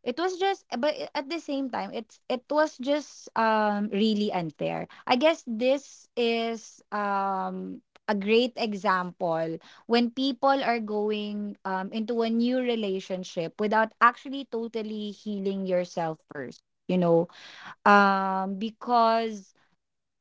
it was just, at the same time, it was just really unfair. I guess this is a great example, when people are going into a new relationship without actually totally healing yourself first, you know. Because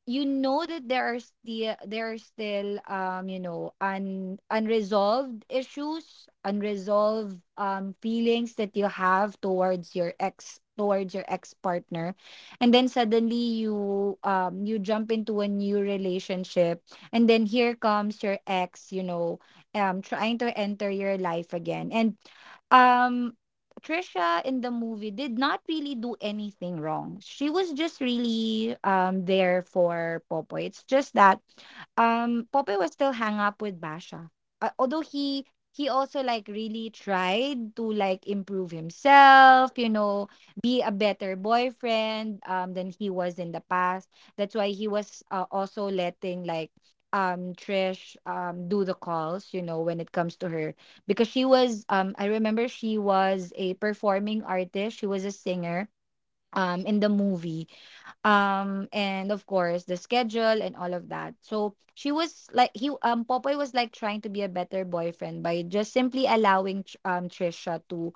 you know that there are still, unresolved issues, unresolved feelings that you have towards your ex, towards your ex partner. And then suddenly you, you jump into a new relationship. And then here comes your ex, trying to enter your life again. And um Trisha in the movie did not really do anything wrong. She was just really there for Popoy. It's just that Popoy was still hung up with Basha. Although he also like really tried to like improve himself, you know, be a better boyfriend than he was in the past. That's why he was, also letting like Trish do the calls, you know, when it comes to her, because she was I remember she was a performing artist. She was a singer in the movie. And of course the schedule and all of that, so she was like he Popoy was like trying to be a better boyfriend by just simply allowing Trisha to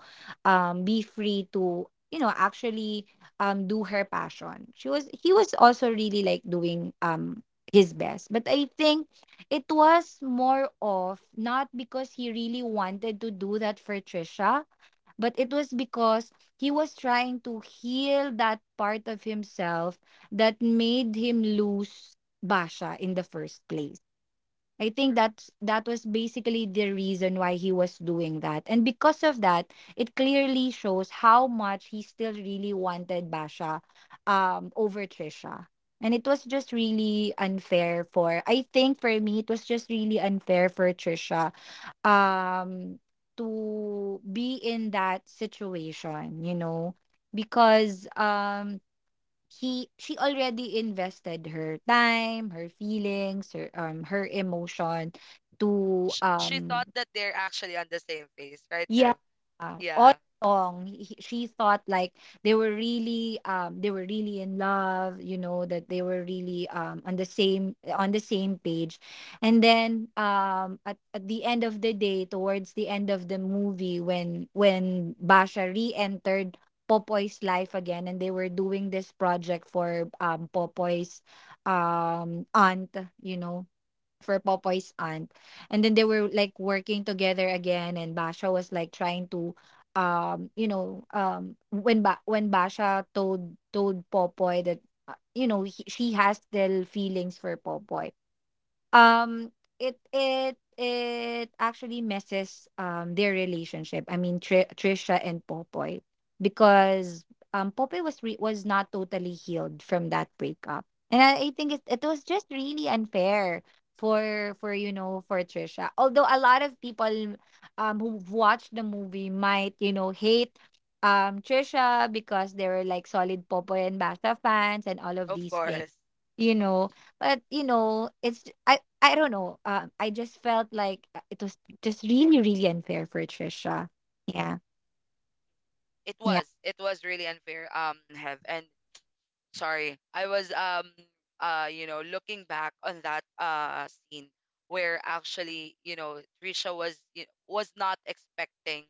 be free to, you know, actually do her passion. She was, he was also really like doing his best. But I think it was more of, not because he really wanted to do that for Trisha, but it was because he was trying to heal that part of himself that made him lose Basha in the first place. I think
true.
that's, that was basically the reason why he was doing that. And because of that, it clearly shows how much he still really wanted Basha over Trisha. And it was just really unfair for, I think for me, it was just really unfair for Trisha, um to be in that situation, you know, because he she already invested her time, her feelings, her emotion to—
Sh- she thought that they're actually on the same page, right,
Yeah,
Ev?
all
Yeah,
along she thought like they were really in love, you know, that they were really on the same page. And then at the end of the day, towards the end of the movie, when Basha re-entered Popoy's life again, and they were doing this project for Popoy's aunt, you know for Popoy's aunt. And then they were like working together again, and Basha was like trying to, when Basha told Popoy that, she has still feelings for Popoy. Um, it actually messes their relationship. I mean, Trisha and Popoy, because Popoy was was not totally healed from that breakup, and I think it was just really unfair for for Trisha. Although a lot of people who watched the movie might hate Trisha because they were like solid Popoy and Basha fans and all of
of
these things
course.
you know but it's, I don't know, I just felt like it was just really really unfair for Trisha. Yeah,
It
yeah,
was. It was really unfair, Hev. And sorry I was you know looking back on that scene where actually you know Trisha was you was not expecting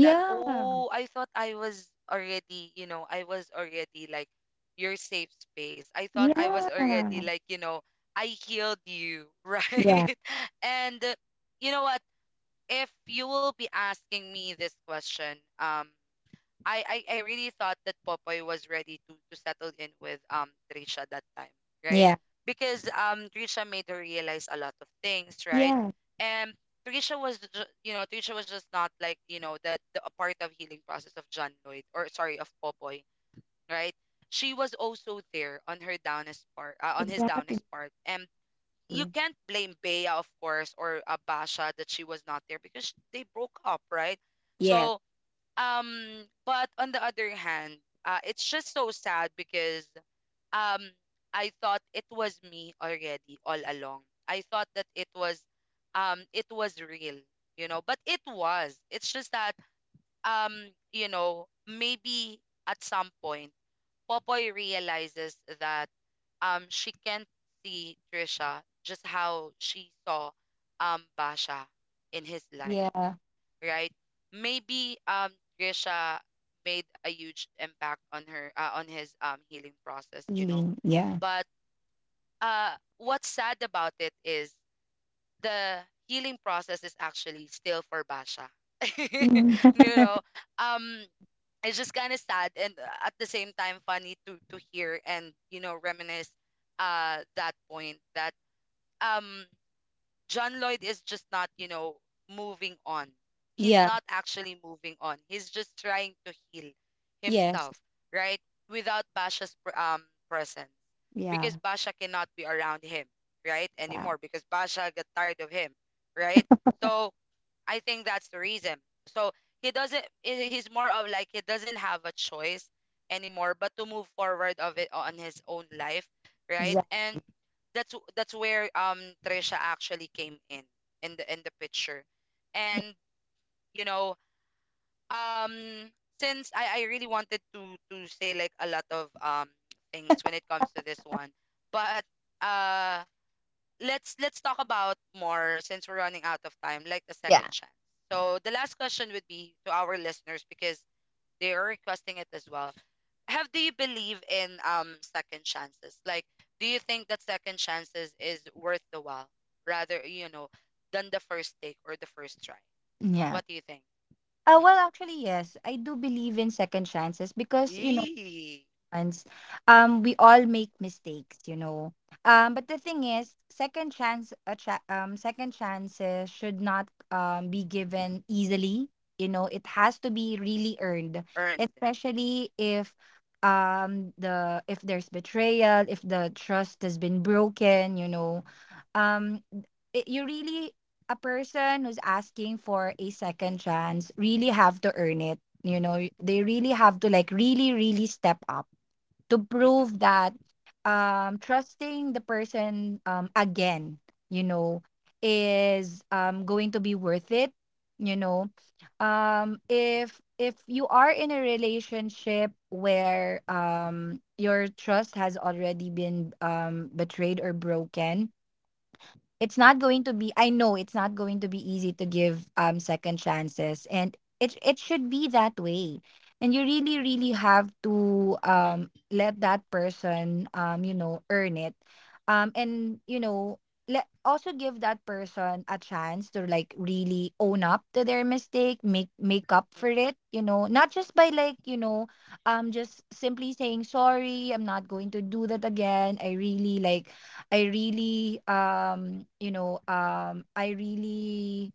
that. Oh, I thought I was already, you know, I was already like your safe space. I thought I was
yeah,
already like, you know, I healed you
yeah,
right. And you know what, if you will be asking me this question, I, I really thought that Popoy was ready to settle in with Trisha that time, right?
yeah,
Because Trisha made her realize a lot of things, right?
yeah,
And Trisha you know Trisha was just not like you know the a part of healing process of John Lloyd, or sorry, of Popoy, right? She was also there on her downest part on his
exactly.
downest part, and you can't blame Bea, of course, or Basha that she was not there because they broke up, right?
Yes.
So but on the other hand, it's just so sad because, um, I thought it was me already all along. I thought that it was real, you know. But it was. It's just that, um, you know, maybe at some point, Popoy realizes that, she can't see Trisha just how she saw, Basha in his life,
Yeah,
right? Maybe Trisha made a huge impact on her, on his healing process, you know.
feeling, yeah.
But what's sad about it is the healing process is actually still for Basha. You
Mm.
know, um it's just kind of sad and, at the same time, funny to hear and you know reminisce that point that um John Lloyd is just not, you know, moving on. He's
Yeah.
not actually moving on. He's just trying to heal
Yes.
himself, right? Without Basha's presence,
Yeah,
because Basha cannot be around him, right,
yeah,
anymore. Because Basha got tired of him, right? So I think that's the reason. So he doesn't. He's more of like he doesn't have a choice anymore, but to move forward of it on his own life, right?
exactly.
And that's where Trisha actually came in the picture, and you know um since I really wanted to say like a lot of things when it comes to this one, but uh let's talk about more since we're running out of time, like the second
Yeah,
chance. So the last question would be to our listeners because they are requesting it as well. Have, do you believe in second chances? Like, do you think that second chances is worth the while rather you know than the first take or the first try?
yeah.
What do you think? Mm-mm.
Well, actually, yes, I do believe in second chances because, you know
Eee,
ones, we all make mistakes, you know. But the thing is, second chances should not be given easily. You know, it has to be really earned,
earned.
especially if the if there's betrayal, if the trust has been broken, you know, um, it, you really a person who's asking for a second chance really have to earn it. You know, they really have to like really really step up to
Mm-mm, mm-mm,
prove that trusting the person, again, you know, is, going to be worth it. You know, if you are in a relationship where, your trust has already been, betrayed or broken, it's not going to be, I know it's not going to be easy to give second chances, and it should be that way. And you really really have to let that person, you know, earn it. And you know, let also give that person a chance to like really own up to their mistake, make up
mm-mm,
for it, you know, not just by like, you know, just simply saying sorry, I'm not going to do that again. I really, I really,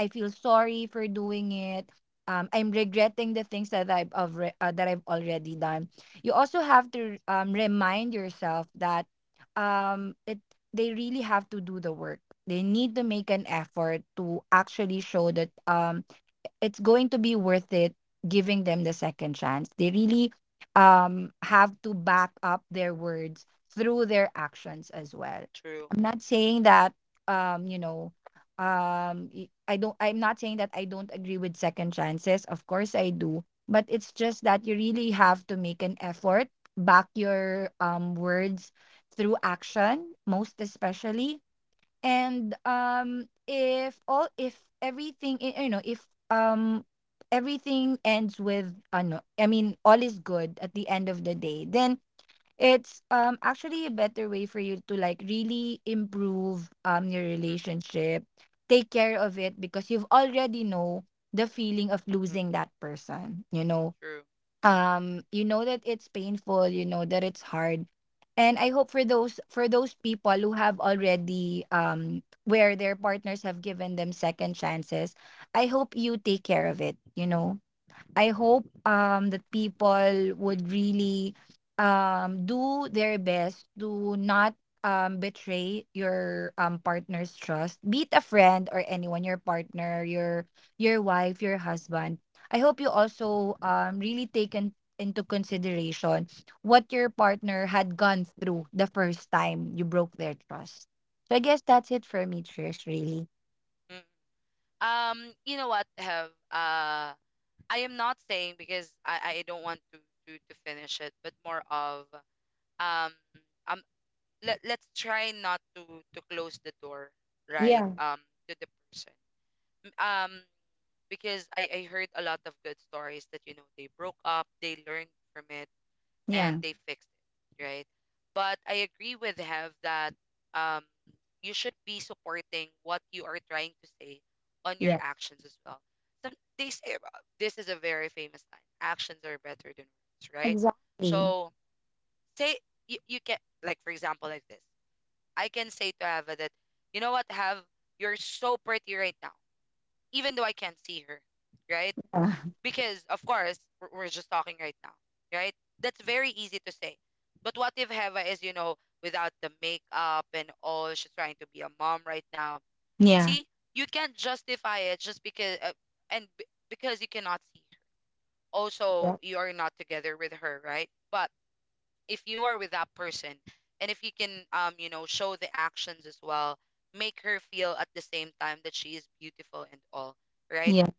I feel sorry for doing it. I'm regretting the things that that I've already done. You also have to, remind yourself that, it they really have to do the work. They need to make an effort to actually show that, it's going to be worth it giving them the second chance. They really have to back up their words through their actions as well.
true.
I'm not saying that um you know I don't, I'm not saying that I don't agree with second chances. Of course I do, but it's just that you really have to make an effort, back your words through action most especially. And if all if everything, you know, if everything ends with no, I mean, all is good at the end of the day, then it's actually a better way for you to like really improve your
Mm-mm,
relationship, take care of it because you've already know the feeling of
mm-mm,
losing that person, you know.
true.
You know that it's painful, you know that it's hard. And I hope for those people who have already, where their partners have given them second chances, I hope you take care of it, you know. I hope that people
Mm-mm,
would really do their best to not betray your
mm-mm,
partner's trust, be it a friend or anyone, your partner, your wife, your husband. I hope you also really take in, into consideration what your partner had gone through the first time you broke their trust. So I guess that's it for me, Trish, really.
mm-mm. You know what, have I am not saying because I don't want to finish it, but more of um um let, let's try not to to close the door, right?
Yeah.
To the person. M- Um because I heard a lot of good stories that you know they broke up, they learned from it and
Yeah.
they fixed it, right? But I agree with Hev that, um, you should be supporting what you are trying to say on your
Yeah.
actions as well. Some they say, this is a very famous line: "Actions are better than words," right?
Exactly.
So say you, you can like for example like this. I can say to Ava that you know what, Have, you're so pretty right now, even though I can't see her, right?
Yeah.
Because of course we're just talking right now, right. That's very easy to say, but what if Heva is, you know, without the makeup and all, she's trying to be a mom right now. See, you can't justify it just because, and because you cannot see her, also
Yeah.
you are not together with her, right. But if you are with that person and if you can you know show the actions as well, make her feel at the same time that she is beautiful and all, right,
Yeah.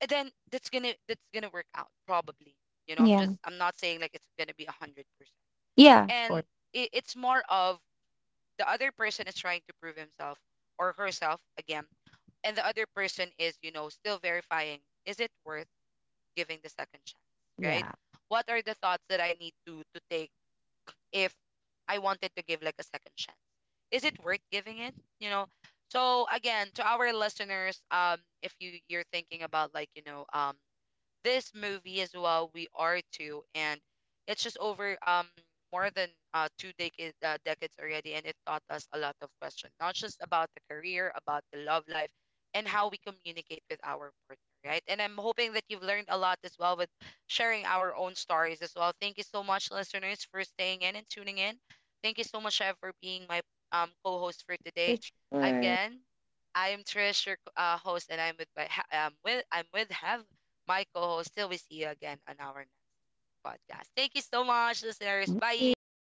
and then that's gonna work out probably, you know. I'm
Yeah.
just I'm not saying like it's gonna be 100%.
Yeah. Of
And
course.
it, it's more of the other person is trying to prove himself or herself again, and the other person is you know still verifying, is it worth giving the second chance, right?
Yeah.
What are the thoughts that I need to take if I wanted to give like a second chance? Is it worth giving it, you know? So again, to our listeners, if you you're thinking about like you know this movie as well. We are too, and it's just over more than two decades decades already, and it taught us a lot of questions, not just about the career, about the love life, and how we communicate with our partner, right? And I'm hoping that you've learned a lot as well with sharing our own stories as well. Thank you so much, listeners, for staying in and tuning in. Thank you so much, Chef, for being my co-host for
For
today.
sure.
Again, I am Trish, your host, and I'm with my with I'm with Hev, my co host. Till we see you again on our next podcast. Thank you so much, listeners.
Thank you.
Bye.